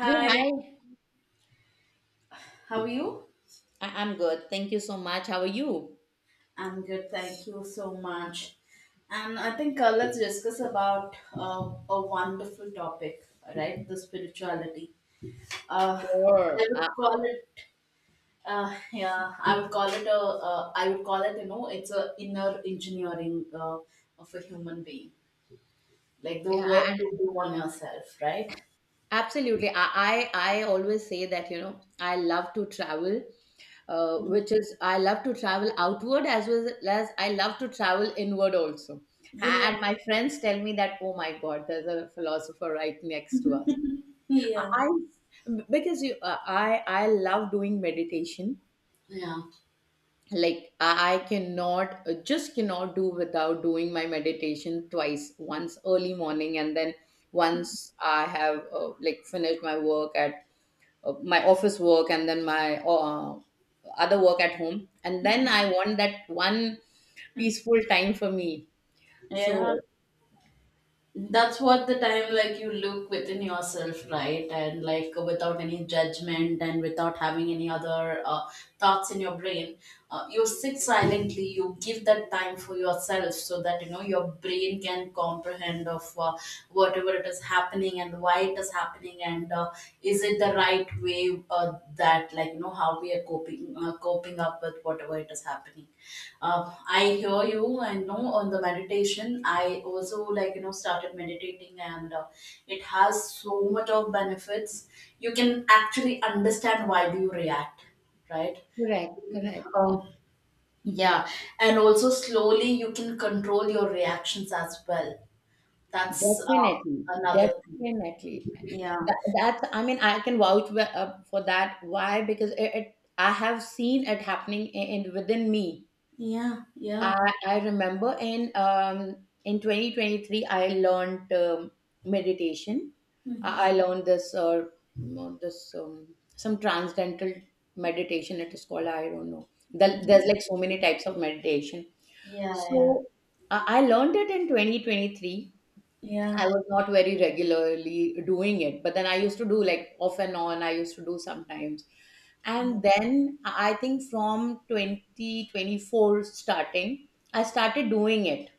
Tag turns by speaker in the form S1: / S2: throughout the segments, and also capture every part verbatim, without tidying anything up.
S1: Hey, hi.
S2: how are you?
S1: I- I'm good. Thank you so much. How are you?
S2: I'm good, thank you so much. And I think uh, let's discuss about uh, a wonderful topic, right? The spirituality. Uh, I
S1: Sure. Uh,
S2: would call it, uh, yeah, I would call it a, uh, I would call it, you know, it's a inner engineering uh, of a human being, like the
S1: yeah,
S2: work
S1: I- and
S2: you do on yourself, right?
S1: absolutely. I, I I always say that, you know, I love to travel, uh, which is I love to travel outward as well as I love to travel inward also.
S2: Yeah,
S1: And my friends tell me that, oh my God, there's a philosopher right next to us. I
S2: yeah.
S1: I- because you, uh, I I love doing meditation.
S2: Yeah,
S1: Like i I cannot, uh, just cannot do without doing my meditation twice, once early morning and then once i have, uh, like finished my work at, uh, my office work, and then my, uh, other work at home, and then i want that one peaceful time for me. So
S2: yeah, that's what the time like you look within yourself, right? And like without any judgment and without having any other uh, thoughts in your brain. Uh, you sit silently, you give that time for yourself so that you know your brain can comprehend of uh, whatever it is happening and why it is happening. And uh, is it the right way, uh, that like you know how we are coping uh, coping up with whatever it is happening. Uh, I hear you, and know on the meditation, I also like you know started meditating, and uh, it has so much of benefits. You can actually understand why do you react, right?
S1: correct, correct. Uh,
S2: Um, yeah, and also slowly you can control your reactions as well. That's uh,
S1: definitely,
S2: another thing.
S1: definitely.
S2: Yeah,
S1: That, that's, I mean, I can vouch, wh- uh, for that. Why? Because it, it I have seen it happening in, in within me.
S2: yeah, yeah.
S1: I, I remember in um, in twenty twenty-three I learned, um, meditation.
S2: Hmm.
S1: I, I learned this, uh, mm, this um, some transcendental meditation it is called. I don't know. There, there's
S2: Hmm.
S1: like so many types of meditation.
S2: Yeah,
S1: So I, I learned it in twenty twenty-three.
S2: yeah,
S1: I was not very regularly doing it, but then I used to do like off and on, I used to do sometimes.
S2: yeah,
S1: And then I think from twenty twenty-four starting, I started doing it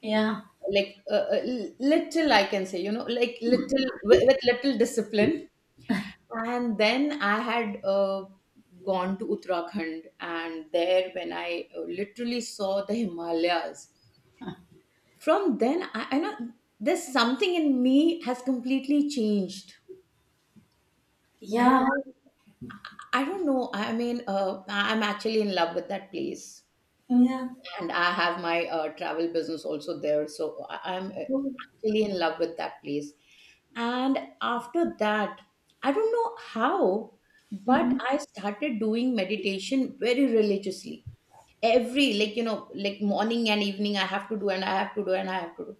S2: yeah,
S1: like, uh, uh, l- little, I can say, you know, like little with, with little discipline. And then I had, uh, gone to Uttarakhand, and there, when I, uh, literally saw the Himalayas, from then, I, I know there's something in me has completely changed. And
S2: yeah,
S1: I don't know. I mean, uh, I- I'm actually in love with that place.
S2: yeah.
S1: And I have my, uh, travel business also there. So I- I'm, uh,
S2: Mm-hmm.
S1: actually in love with that place. And after that, I don't know how, but I started doing meditation very religiously. Every, like, you know, like morning and evening, I have to do and I have to do and I have to do.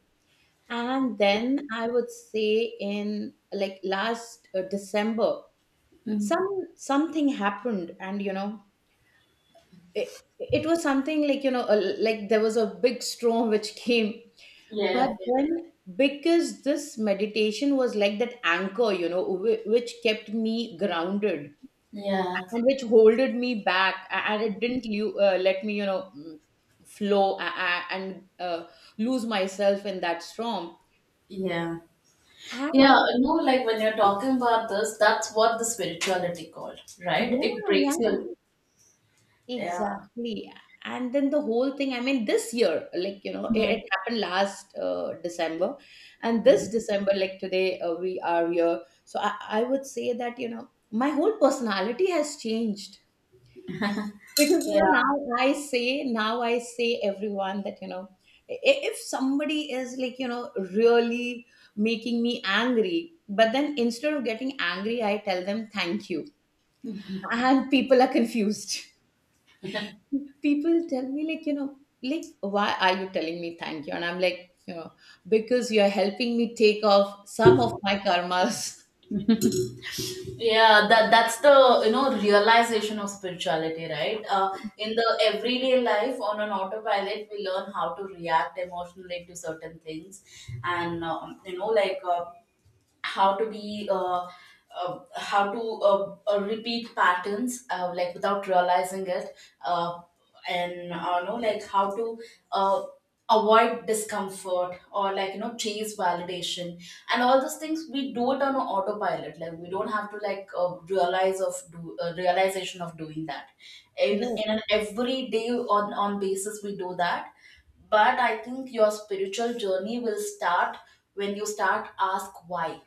S1: And then I would say in like last, uh, December,
S2: Mm-hmm.
S1: some something happened, and, you know, it, it was something like, you know, a, like there was a big storm which came. But
S2: Yeah,
S1: then, because this meditation was like that anchor, you know, whi- which kept me grounded,
S2: yeah,
S1: and which holded me back, a- and it didn't you uh, let me, you know, mm, flow a- a- and uh, lose myself in that storm.
S2: yeah,
S1: And I,
S2: yeah. No, like when you're talking about this, that's what the spirituality called,
S1: yeah,
S2: right? It breaks your
S1: yeah.
S2: loop. Yeah,
S1: Exactly. And then the whole thing, I mean, this year, like, you know, it,
S2: yeah,
S1: it happened last, uh, December. And this December, like today, uh, we are here. So I, I would say that, you know, my whole personality has changed. Because, you
S2: yeah.
S1: know, now I say, now I say everyone that, you know, i- if somebody is like, you know, really making me angry, but then instead of getting angry, I tell them thank you. And people are confused. People tell me like you know like why are you telling me thank you? And I'm like, you know because you're helping me take off some of my karmas.
S2: Yeah, that that's the you know realization of spirituality, right? Uh, in the everyday life on an autopilot, we learn how to react emotionally to certain things, and um, you know, like uh, how to be uh, uh, how to uh, uh, repeat patterns uh, like without realizing it. Uh, and uh, know like how to uh, avoid discomfort or like you know chase validation, and all those things we do it on a autopilot. Like we don't have to like uh, realize of do uh, realization of doing that in
S1: Correct.
S2: in an everyday on on basis. We do that, but I think your spiritual journey will start when you start ask why.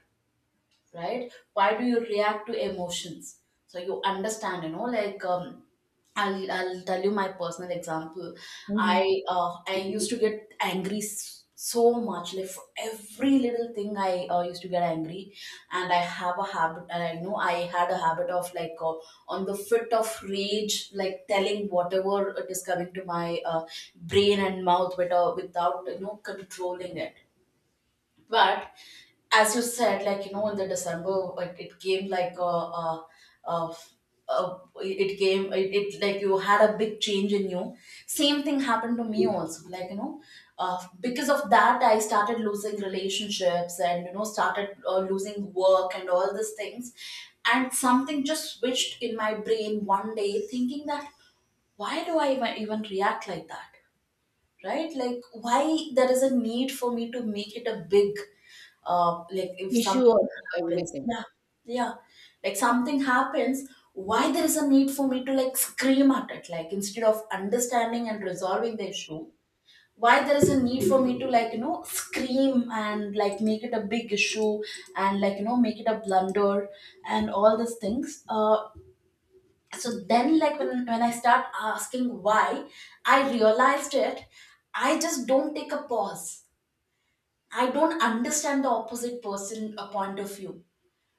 S2: Right? Why do you react to emotions? So you understand you know like um, I'll, I'll tell you my personal example.
S1: Hmm.
S2: I uh, i used to get angry s- so much, like for every little thing i uh, used to get angry. And i have a habit, and i know I had a habit of like uh, on the fit of rage, like telling whatever it is coming to my uh, brain and mouth without, without you know controlling it. But as you said, like you know, in the December, like it came like a, a, a, a it came it, it like you had a big change in you. Same thing happened to me also. Like you know, uh, because of that, I started losing relationships, and you know started uh, losing work and all these things. And something just switched in my brain one day, thinking that why do I even even react like that? Right? Like why there is a need for me to make it a big, uh like, if
S1: Issue of
S2: something happens.
S1: everything.
S2: Yeah, yeah. Like something happens, why there is a need for me to like scream at it, like instead of understanding and resolving the issue? Why there is a need for me to like you know scream and like make it a big issue and like you know make it a blunder and all these things? Uh so then like when, when I start asking why, I realized it. I just don't take a pause. I don't understand the opposite person a point of view.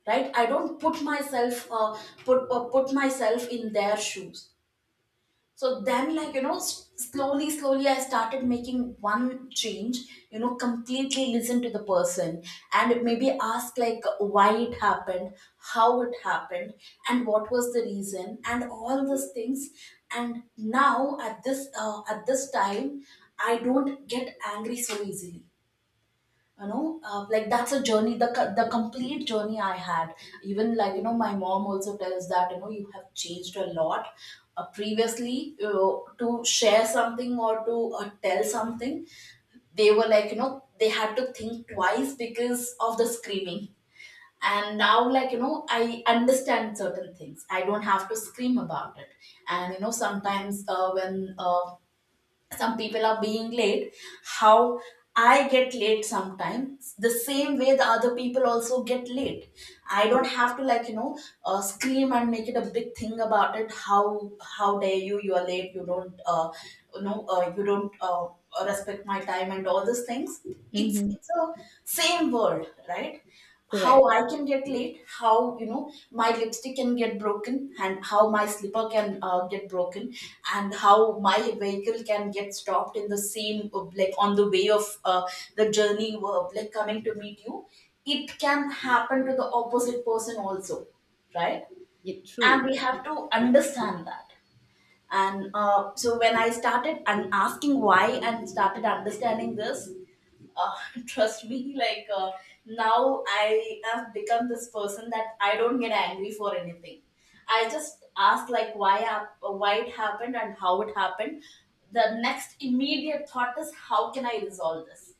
S2: Right? I don't put myself uh, put uh, put myself in their shoes. So then, like, you know, s- slowly, slowly, I started making one change, you know, completely listen to the person and maybe ask, like, why it happened, how it happened, and what was the reason, and all those things. And now, at this, uh, at this time, I don't get angry so easily. You know, uh, like that's a journey, the co- the complete journey I had. Even like you know my mom also tells that you know you have changed a lot. Uh, previously you know, to share something or to uh, tell something, they were like you know they had to think twice because of the screaming. And now like you know I understand certain things, I don't have to scream about it. And you know sometimes uh, when uh, some people are being late, how I get late sometimes, the same way the other people also get late. I don't
S1: Correct.
S2: have to like you know uh, scream and make it a big thing about it. how how dare you you are late, you don't uh, you know uh, you don't uh, respect my time and all these things. it's
S1: Hmm.
S2: it's a same world, right? How
S1: Correct.
S2: I can get late, how you know my lipstick can get broken, and how my slipper can uh, get broken, and how my vehicle can get stopped in the same uh, like on the way of uh, the journey, uh, like coming to meet you. It can happen to the opposite person also, right?
S1: Yeah,
S2: And we
S1: true.
S2: have to understand that. And uh, so when I started and asking why and started understanding this, uh, trust me like uh, now I have become this person that I don't get angry for anything. I just ask like why hap- why it happened and how it happened. The next immediate thought is how can I resolve this.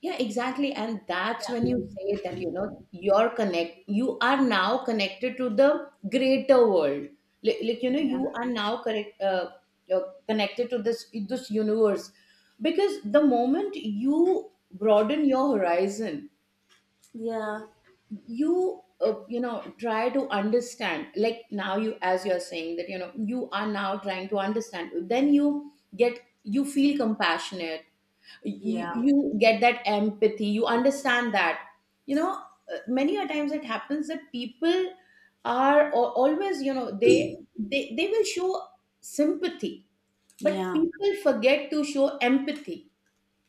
S1: Yeah, exactly. And that's
S2: Yeah.
S1: when you say that, you know, you're connect, you are now connected to the greater world. Like, like you know,
S2: Yeah.
S1: you are now correct, uh, you're connected to this, this universe. Because the moment you broaden your horizon,
S2: Yeah.
S1: you, uh, you know, try to understand, like now you, as you're saying that, you know, you are now trying to understand, then you get, you feel compassionate. You you get that empathy, you understand that, you know uh, many a times it happens that people are al- always, you know they they they will show sympathy, but
S2: Yeah.
S1: people forget to show empathy,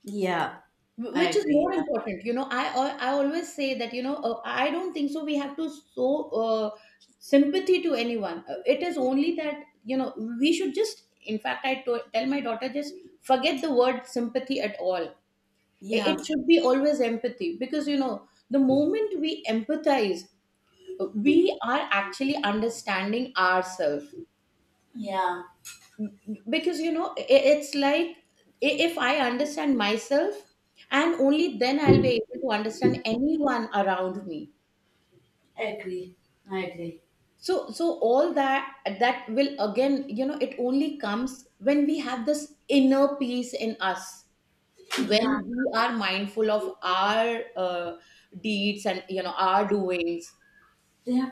S2: Yeah.
S1: wh-
S2: I
S1: which is
S2: agree.
S1: more
S2: Yeah.
S1: important. You know i i I always say that, you know uh, i don't think so we have to show, uh, sympathy to anyone. Uh, it is only that, you know we should, just in fact I to- tell my daughter, just forget the word sympathy at all.
S2: Yeah.
S1: It should be always empathy, because, you know the moment we empathize, we are actually understanding ourselves.
S2: Yeah,
S1: Because, you know i- it's like, i- if I understand myself, and only then I'll be able to understand anyone around me.
S2: I agree. I agree.
S1: So, so all that that will again, you know it only comes when we have this inner peace in us, when
S2: Yeah.
S1: we are mindful of our, uh, deeds, and, you know our doings.
S2: Yeah.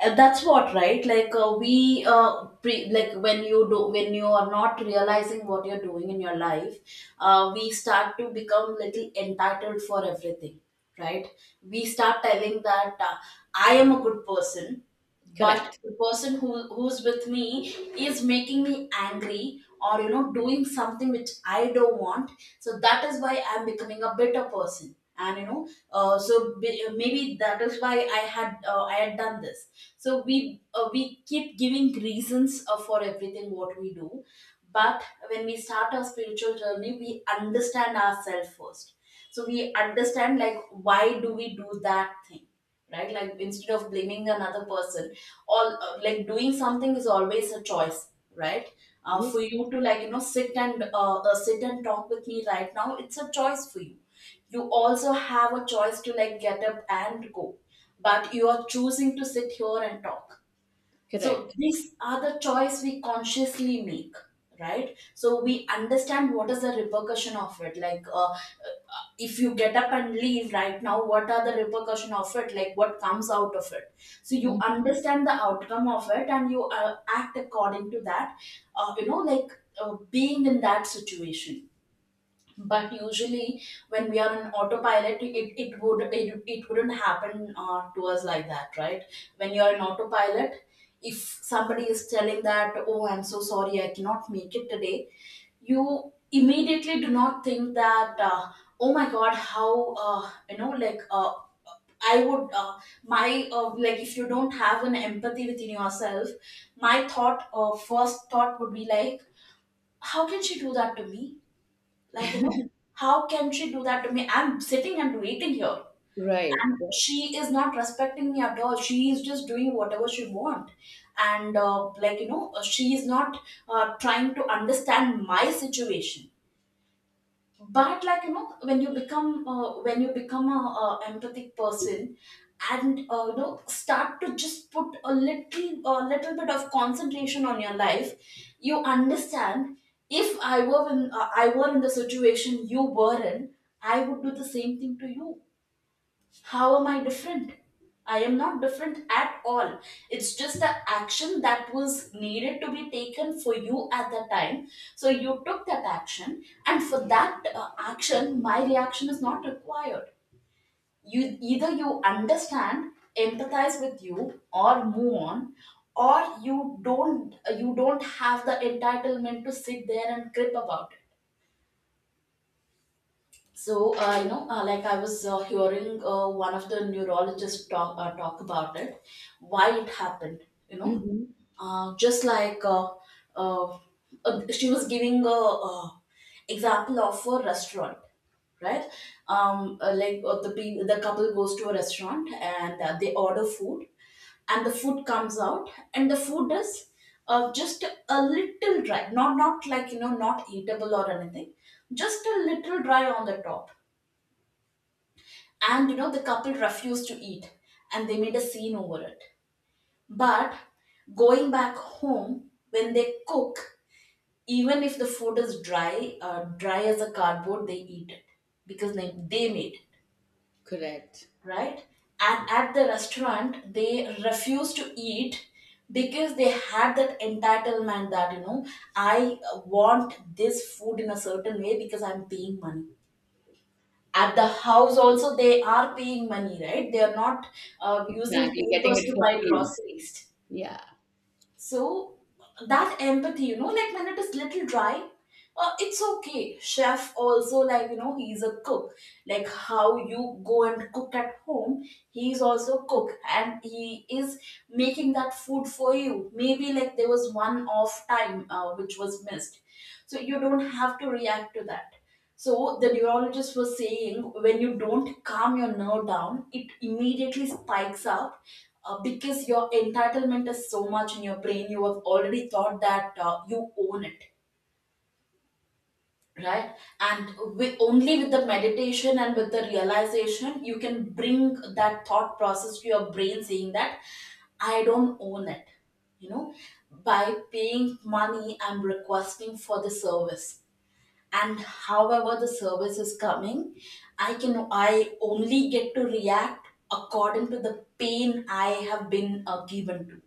S2: Uh, that's what, right? Like uh, we uh, pre- like when you do, when you are not realizing what you're doing in your life, uh, we start to become little entitled for everything. Right? We start telling that uh, I am a good person, but
S1: Correct.
S2: the person who who's with me is making me angry, or you know doing something which I don't want. So that is why I'm becoming a bitter person. And you know uh, so be- maybe that is why i had uh, i had done this. So we uh, we keep giving reasons uh, for everything what we do. But when we start our spiritual journey, we understand ourselves first. So we understand like why do we do that thing, right? Like instead of blaming another person, all, uh, like, doing something is always a choice, right? Uh,
S1: Yes,
S2: for you
S1: yes,
S2: to like you know sit and uh, uh, sit and talk with me right now, it's a choice for you. You also have a choice to like get up and go, but you are choosing to sit here and talk. So
S1: correct.
S2: these are the choice we consciously make, right? So we understand what is the repercussion of it. Like, uh, uh, if you get up and leave right now, what are the repercussion of it? Like, what comes out of it? So you
S1: Mhm.
S2: understand the outcome of it, and you uh, act according to that. Uh, you know, like uh, being in that situation. But usually when we are on autopilot, it, it would it, it wouldn't happen uh, to us like that, right? When you are in autopilot, if somebody is telling that oh I'm so sorry I cannot make it today, you immediately do not think that uh, oh my god how, uh, you know like, uh, I would, uh, my, uh, like, if you don't have an empathy within yourself, my thought, uh, first thought would be like, how can she do that to me? Like you know how can she do that to me, I'm sitting and waiting here
S1: Right.
S2: and she is not respecting me at all, she is just doing whatever she want. And uh, like you know she is not uh, trying to understand my situation. But like you know when you become uh, when you become a, uh empathic person, and uh, you know start to just put a little a little bit of concentration on your life, you understand, if i were in uh, i were in the situation you were in, I would do the same thing to you. How am I different? I am not different at all. It's just the action that was needed to be taken for you at the time. So you took that action, and for that uh, action, my reaction is not required. You either you understand, empathize with you, or move on, or you don't. You don't have the entitlement to sit there and crib about it. So, uh, you know, uh, like I was uh, hearing uh, one of the neurologists talk, uh, talk about it, why it happened, you know,
S1: Mm-hmm.
S2: uh, just like uh, uh, uh, she was giving a uh, example of a restaurant, right? Um, uh, like uh, the pe- the couple goes to a restaurant and uh, they order food, and the food comes out and the food is uh, just a little dry, not not like you know not eatable or anything, just a little dry on the top. And you know the couple refused to eat and they made a scene over it. But going back home, when they cook, even if the food is dry uh, dry as a cardboard, they eat it because they, they made it.
S1: Correct.
S2: Right? And at the restaurant, they refused to eat because they had that entitlement that, you know, I want this food in a certain way because I'm paying money. At the house, also, they are paying money, right? They are not uh, using
S1: Exactly. Getting
S2: papers
S1: it
S2: to
S1: for
S2: buy
S1: free.
S2: groceries.
S1: Yeah.
S2: So that empathy, you know, like when it is little dry, uh, it's okay. Chef also, like you know, he's a cook. Like how you go and cook at home, he's also cook, and he is making that food for you. Maybe like there was one off time uh, which was missed, so you don't have to react to that. So the neurologist was saying when you don't calm your nerve down, it immediately spikes up uh, because your entitlement is so much in your brain. You have already thought that uh, you own it, right? And with, only with the meditation and with the realization, you can bring that thought process to your brain, saying that I don't own it. You know, by paying money, I'm requesting for the service, and however the service is coming, i can i only get to react according to the pain I have been uh, given to,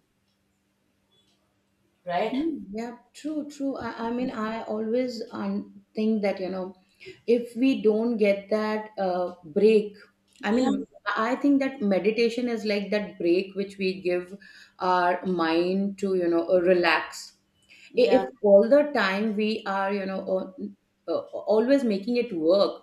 S2: right?
S1: Mm, yeah, true, true. I, I mean, I always, um, think that, you know, if we don't get that, uh, break, I
S2: Yeah.
S1: mean, I think that meditation is like that break which we give our mind to, you know, uh, relax. I-
S2: Yeah.
S1: If all the time we are, you know, uh, uh, always making it work,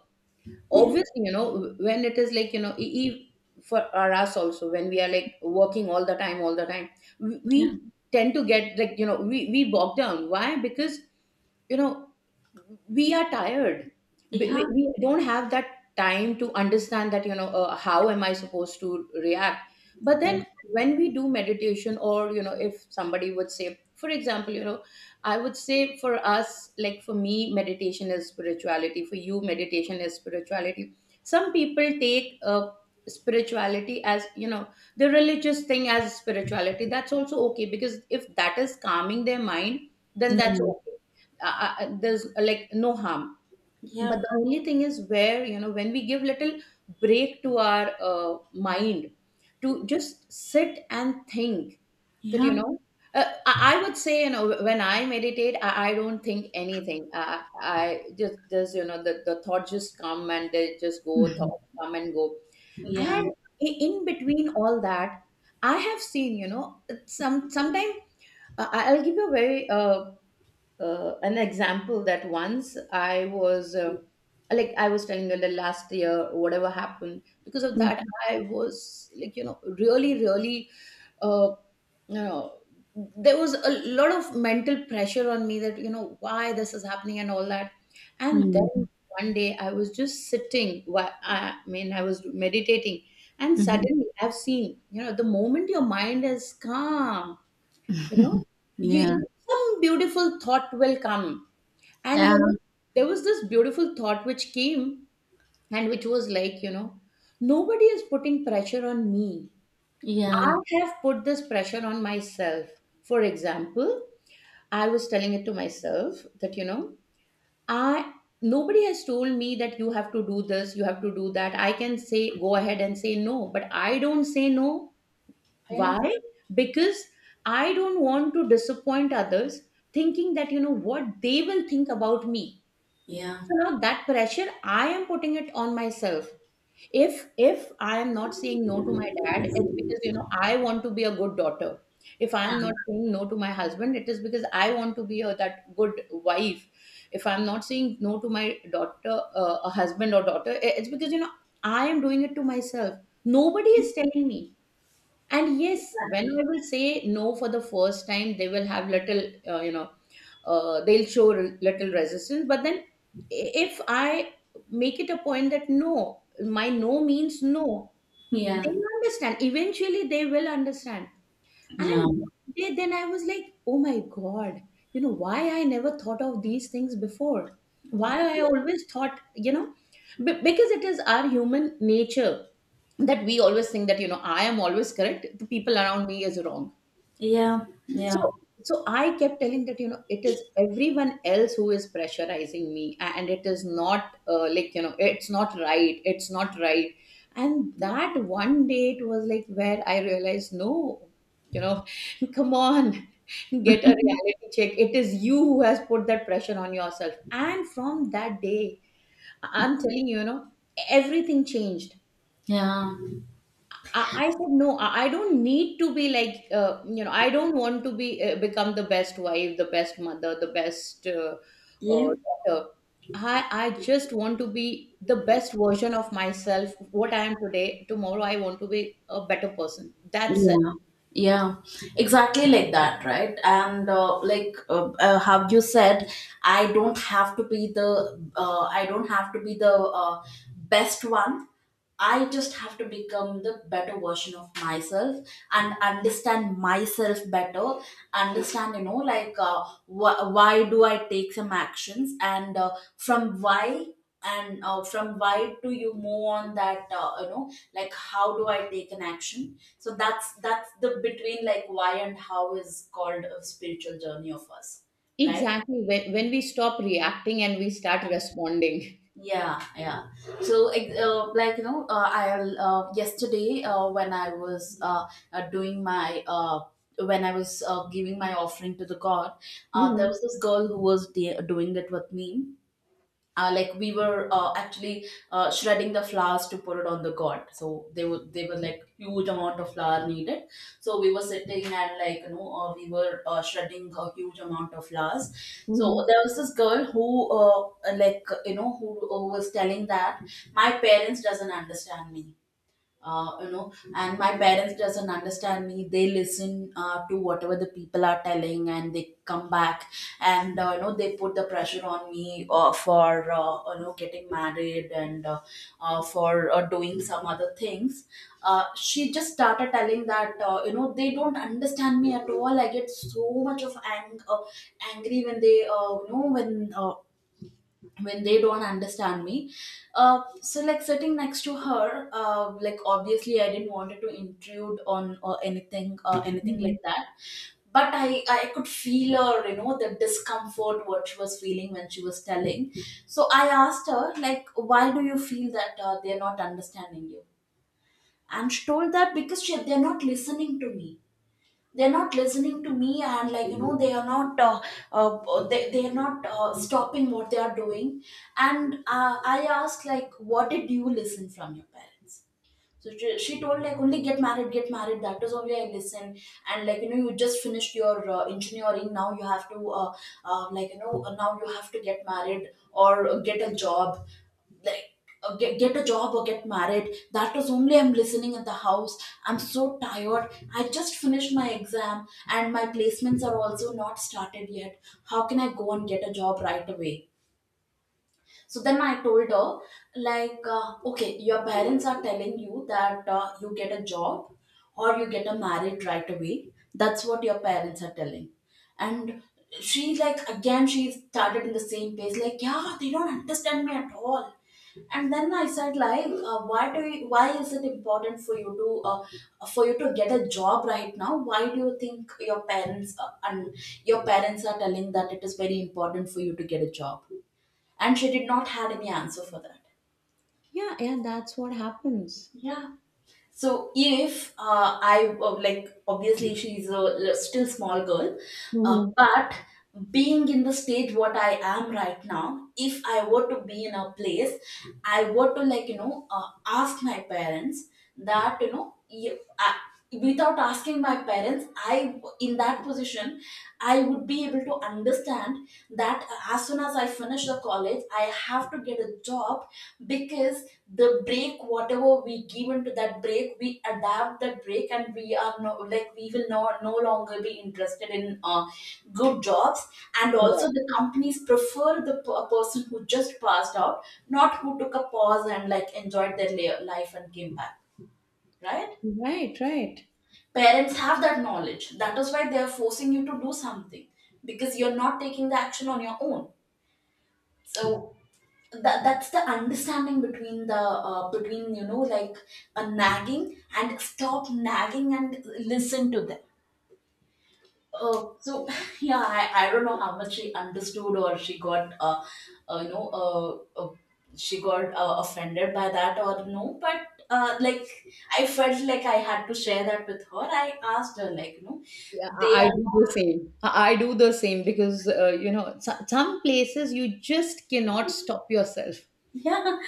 S2: Yeah.
S1: obviously, you know when it is like, you know e- e- for or us also, when we are like working all the time, all the time, we we tend to get like, you know we we bog down. Why? Because, you know we are tired. we,
S2: Yeah.
S1: we we don't have that time to understand that, you know uh, how am i supposed to react. But then, when we do meditation, or, you know if somebody would say, for example, you know I would say, for us, like for me, meditation is spirituality. For you, meditation is spirituality. Some people take, uh, spirituality as, you know the religious thing as spirituality. That's also okay, because if that is calming their mind, then
S2: Yeah.
S1: that's
S2: Yeah.
S1: okay. Uh, uh, uh, there's, uh, like, no harm.
S2: Yeah.
S1: But the only thing is where, you know when we give little break to our, uh, mind, to just sit and think that, you
S2: Yeah.
S1: know uh, I I would say, you know, when I meditate, I, I don't think anything. I, I just, there's, you know, the, the thoughts just come and they just go, thoughts come and go. And,
S2: Yeah.
S1: i- in between all that, I have seen, you know, some, sometimes, uh, I- I'll give you a very, uh, uh, an example, that once I was, uh, like I was telling you, the last year whatever happened, because of that I was like, you know really, really, uh, you know there was a lot of mental pressure on me that, you know why this is happening and all that. And
S2: Mm-hmm.
S1: then one day I was just sitting, whi- I mean I was meditating, and suddenly I've seen, you know the moment your mind is calm, you know you
S2: Yeah.
S1: you- some beautiful thought will come. And,
S2: Yeah.
S1: you know, there was this beautiful thought which came, and which was like, you know, nobody is putting pressure on me.
S2: Yeah.
S1: I have put this pressure on myself. For example, I was telling it to myself that, you know, I nobody has told me that you have to do this, you have to do that. I can say go ahead and say no, but I don't say no.
S2: Yeah.
S1: Why? Because I don't want to disappoint others, thinking that, you know, what they will think about me.
S2: Yeah.
S1: So now that pressure, I am putting it on myself. If, if I am not saying no to my dad, it's because, you know I want to be a good daughter. If I am not saying no to my husband, it is because I want to be a, that good wife. If I'm not saying no to my daughter, uh, a husband or daughter, i- it's because, you know I am doing it to myself. Nobody is telling me. And yes, when
S2: Exactly.
S1: i will say no for the first time, they will have little, uh, you know uh, they'll show r- little resistance. But then, i- if i make it a point that, no, my no means no,
S2: Yeah.
S1: they will understand. Eventually they will understand.
S2: Yeah.
S1: And, they- then I was like, oh my God, you know, why I never thought of these things before? Why I always thought, you know, b- because it is our human nature that we always think that, you know, I am always correct, the people around me is wrong.
S2: Yeah.
S1: so
S2: Yeah.
S1: so I kept telling that, you know, it is everyone else who is pressurizing me a- and it is not uh, like, you know, it's not right it's not right And that one day it was like where I realized, no, you know, come on, get a reality check. It is you who has put that pressure on yourself. And from that day, I- I'm telling you, you know, everything changed.
S2: Yeah.
S1: I, I said no. I, I don't need to be like, uh, you know, I don't want to be uh, become the best wife, the best mother, the best uh, uh,
S2: Yeah.
S1: daughter. I I just want to be the best version of myself. What I am today, tomorrow I want to be a better person. That's it.
S2: Yeah, yeah, exactly like that, right? And uh, like uh, uh, how you said, I don't have to be the uh, I don't have to be the uh, best one. I just have to become the better version of myself and understand myself better. Understand, you know, like uh, wh- why do I take some actions, and uh, from why and uh, from why do you move on? That uh, you know, like how do I take an action? So that's that's the between, like, why and how is called a spiritual journey of us, right?
S1: Exactly, when, when we stop reacting and we start responding.
S2: Yeah, yeah. So ex- uh, like you know, uh, I uh, yesterday, uh, when i was uh, uh, doing my uh, when I was uh, giving my offering to the god, uh, there
S1: Hmm.
S2: was this girl who was de- doing it with me. Uh, like, we were uh, actually uh, shredding the flowers to put it on the god, so they were they were like huge amount of flour needed. So we were sitting and like you know, uh, we were uh, shredding a huge amount of flowers.
S1: Hmm.
S2: So there was this girl who, uh, like you know, who, who was telling that my parents doesn't understand me. Uh, you know, and my parents doesn't understand me, they listen uh, to whatever the people are telling, and they come back and uh, you know, they put the pressure on me uh, for uh, you know, getting married and uh, uh, for uh, doing some other things. Uh, she just started telling that uh, you know, they don't understand me at all. I get so much of ang- uh, angry when they uh, you know, when uh, when they don't understand me. Uh, so like, sitting next to her, uh, like obviously I didn't want it to intrude on or anything or anything
S1: Hmm.
S2: like that. But I, I could feel her, you know, the discomfort what she was feeling when she was telling. So I asked her like, why do you feel that uh, they're not understanding you? And she told that because she, they're not listening to me. They're not listening to me, and like you know, they are not uh, uh, they, they are not uh, stopping what they are doing. And uh, I asked like, what did you listen from your parents? So she, she told like, only get married, get married. That is only I listen. And like you know, you just finished your uh, engineering. Now you have to uh, uh, like you know, now you have to get married or get a job. Like uh, get, get a job or get married. That was only I'm listening at the house. I'm so tired. I just finished my exam and my placements are also not started yet. How can I go and get a job right away? So then I told her, like, uh, okay, your parents are telling you that uh, you get a job or you get a married right away. That's what your parents are telling. And she, like, again, she started in the same pace, like, yeah, they don't understand me at all. And then I said, like, uh, why do you, why is it important for you to uh, for you to get a job right now? Why do you think your parents uh, and your parents are telling that it is very important for you to get a job? And she did not had any answer for that.
S1: Yeah, yeah, that's what happens.
S2: Yeah. So if uh, I uh, like, obviously she's a l- still small girl, uh,
S1: Hmm.
S2: but being in the stage what I am right now, if I were to be in a place, I were to like you know uh, ask my parents that you know, if I, without asking my parents, I in that position, I would be able to understand that as soon as I finish the college, I have to get a job because the break whatever we given to that break, we adapt that break and we are no, like we will no, no longer be interested in uh, good jobs. And also
S1: Correct.
S2: the companies prefer the p- a person who just passed out, not who took a pause and like enjoyed their la- life and came back, right?
S1: Right, right.
S2: Parents have that knowledge, that is why they are forcing you to do something, because you're not taking the action on your own. So that that's the understanding between the uh, between you know like a nagging and stop nagging and listen to them. Uh, so yeah, I, I don't know how much she understood or she got uh, uh you know uh, uh she got uh, offended by that or no. But uh, like, I felt like I had to share that with her. I asked her like, you know,
S1: Yeah,
S2: they
S1: I I
S2: are.
S1: do the same. I I do the same, because uh, you know, so- some places you just cannot stop yourself.
S2: Yeah,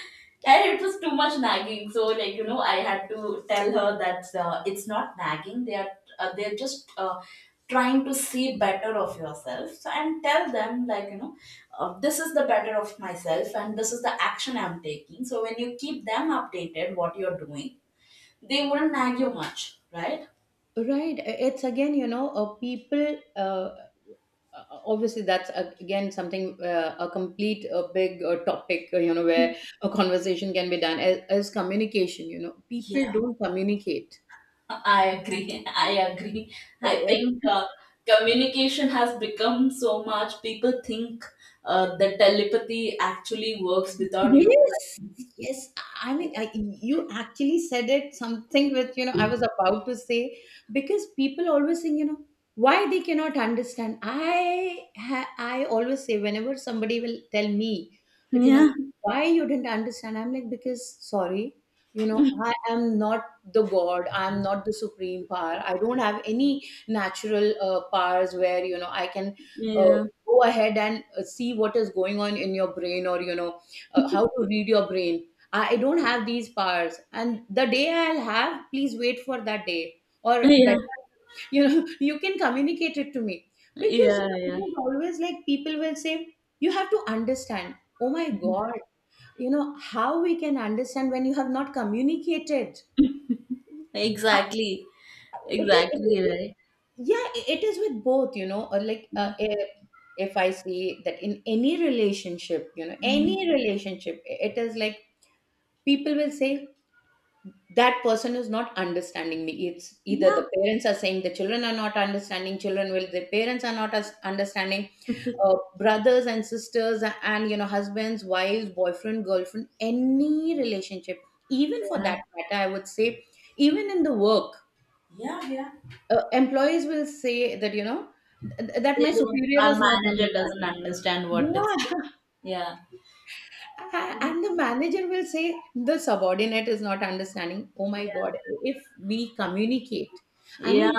S2: and it was too much nagging. So, like you know, I had to tell her that uh, it's not nagging. They are uh, they're just uh, trying to see better of yourself. So, and tell them like you know, uh, this is the better of myself, and this is the action I'm taking. So when you keep them updated, what you're doing, they wouldn't nag you much, right?
S1: Right. It's again, you know, uh, people. Uh, uh, obviously, that's, uh, again, something, uh, a complete, a big uh, topic. Uh, you know, where a conversation can be done as, as communication. You know, people don't communicate.
S2: I agree. I agree. I think
S1: Uh,
S2: uh, communication has become so much. People think uh, that telepathy actually works without you.
S1: Yes, yes. I mean, I, you actually said it something with, you know, I was about to say, because people always think, you know, why they cannot understand. I ha I always say, whenever somebody will tell me that, you
S2: Yeah,
S1: know, why you didn't understand, I'm like, because sorry, you know, I am not the God, I'm not the supreme power. I don't have any natural uh, powers where, you know, I can uh,
S2: yeah,
S1: go ahead and uh, see what is going on in your brain, or, you know, uh, how to read your brain. I don't have these powers. And the day I'll have, please wait for that day. Or
S2: yeah,
S1: better, you know, you can communicate it to me. Because, you
S2: yeah,
S1: know, it is always like people will say, you have to understand. Oh my
S2: yeah.
S1: God, you know, how we can understand when you have not communicated.
S2: Exactly,
S1: It is, it
S2: exactly
S1: is with-
S2: right.
S1: yeah, it is with both, you know, or like
S2: Yeah.
S1: uh, if, if I see that in any relationship, you know,
S2: Mm.
S1: any relationship, it is like people will say that person is not understanding me. It's either
S2: Yeah.
S1: the parents are saying the children are not understanding, children will the parents are not as understanding, uh, brothers and sisters, and you know, husbands, wives, boyfriend, girlfriend, any relationship, even for
S2: Yeah.
S1: that matter I would say even in the work,
S2: Yeah, yeah.
S1: uh, employees will say that, you know, th- that
S2: They
S1: my
S2: don't.
S1: superior
S2: Our
S1: is not
S2: manager doesn't
S1: understanding.
S2: understand what is good.
S1: Yeah.
S2: Yeah.
S1: And the manager will say the subordinate is not understanding. Oh my
S2: Yeah.
S1: God, if we communicate. I
S2: Yeah.
S1: mean,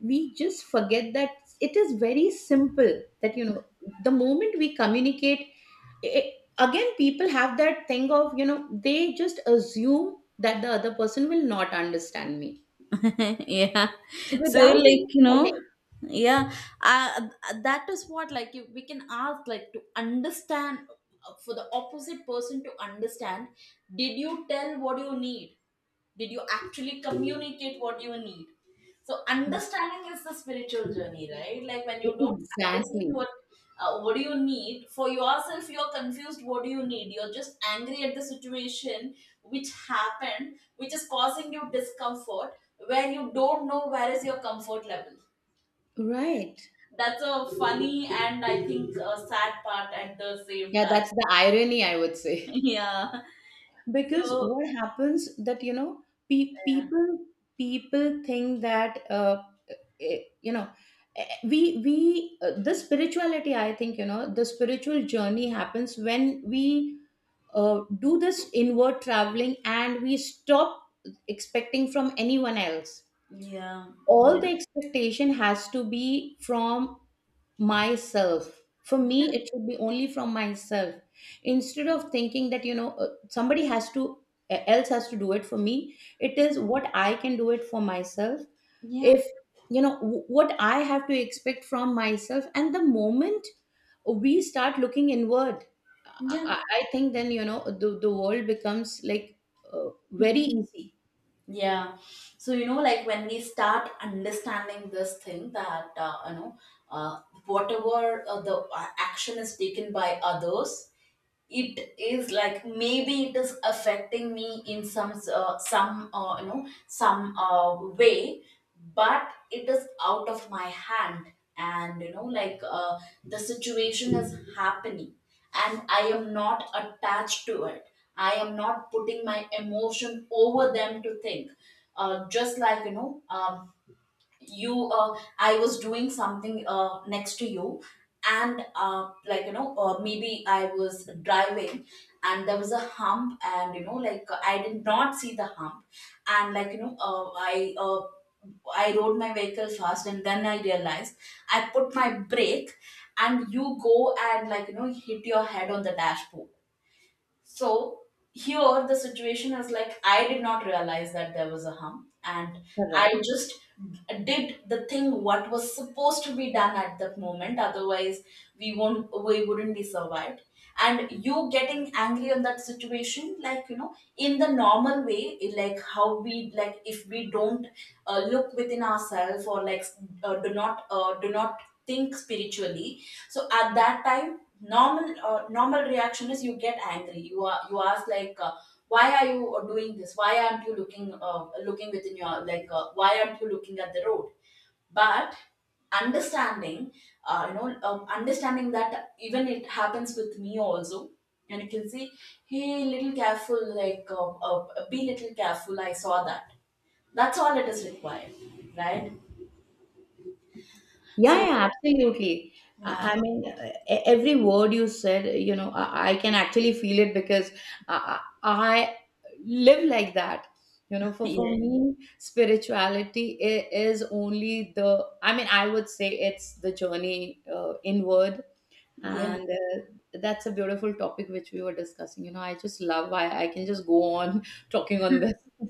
S1: we just forget that it is very simple that, you know, the moment we communicate it, again people have that thing of, you know, they just assume that the other person will not understand me
S2: Yeah. So
S1: without even
S2: like you know,
S1: telling.
S2: yeah, uh, that is what like you, we can ask, like, to understand uh, for the opposite person to understand. Did you tell what you need? Did you actually communicate what you need? So understanding is the spiritual journey, right? Like when
S1: E,
S2: you don't
S1: exactly.
S2: understand what uh, what do you need for yourself, you're confused what do you need, you're just angry at the situation which happened, which is causing you discomfort, where you don't know where is your comfort level.
S1: Right.
S2: That's a funny and I think a sad part at the same
S1: Yeah,
S2: time.
S1: that's the irony I would say.
S2: Yeah.
S1: Because
S2: So
S1: what happens that, you know, pe-
S2: yeah,
S1: people, people think that, uh, eh, you know, eh, we we uh, the spirituality, I think, you know, the spiritual journey happens when we uh, do this inward traveling and we stop expecting from anyone else.
S2: yeah,
S1: All
S2: yeah,
S1: the expectation has to be from myself. For me
S2: yeah,
S1: it should be only from myself. Instead of thinking that, you know, uh, somebody has to, eh, else has to do it for me, it is what I can do it for myself.
S2: yeah,
S1: If, you know, w- what I have to expect from myself. And the moment we start looking inward,
S2: yeah.
S1: i, I I think then, you know, the, the world becomes like uh, very easy.
S2: Yeah. So, you know, like when we start understanding this thing that, uh, you know, uh, whatever uh, the uh, action is taken by others, it is like maybe it is affecting me in some uh, some uh, you know, some uh, way, but it is out of my hand. And you know like uh, the situation is happening and I am not attached to it. I am not putting my emotion over them to think. Uh, just like, you know, um, you uh, I was doing something uh, next to you, and uh, like you know, uh, maybe I was driving and there was a hump, and you know like, uh, I did not see the hump. And like you know, uh, i uh, I rode my vehicle fast and then I realized, I put my brake, and you go and like you know, hit your head on the dashboard. So here the situation is like, I did not realize that there was a hum, and I
S1: Correct.
S2: just did the thing what was supposed to be done at that moment, otherwise we won't we wouldn't be survived. And you getting angry on that situation, like you know, in the normal way, like how we, like if we don't uh, look within ourselves, or like uh, do not uh, do not think spiritually. So at that time, normal uh, normal reaction is you get angry, you are, you ask like, uh, why are you uh, doing this, why aren't you looking uh, looking within your, like uh, why aren't you looking at the road? But understanding, uh, you know um, understanding that even it happens with me also, and you can see, hey, little careful, like uh, uh, be little careful, I saw that. That's all it is required, right? So
S1: Yeah, yeah, absolutely.
S2: yeah,
S1: I I mean, uh, e- every word you said, you know, I, I can actually feel it because I, I I live like that. You know, for, for
S2: yeah,
S1: me, spirituality i- is only the, I mean, I would say it's the journey uh, inward.
S2: yeah.
S1: And uh, that's a beautiful topic which we were discussing. You know, I just love, I, I can just go on talking on this.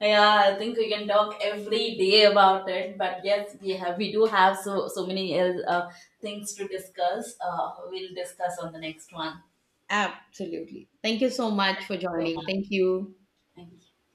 S2: Yeah, I think we can talk every day about it. But yes, we have, we do have so so many uh, uh, things to discuss. Uh, we'll discuss on the next one.
S1: Absolutely. Thank you so much
S2: Thank
S1: for
S2: you so much.
S1: joining. Thank you.
S2: Thank you.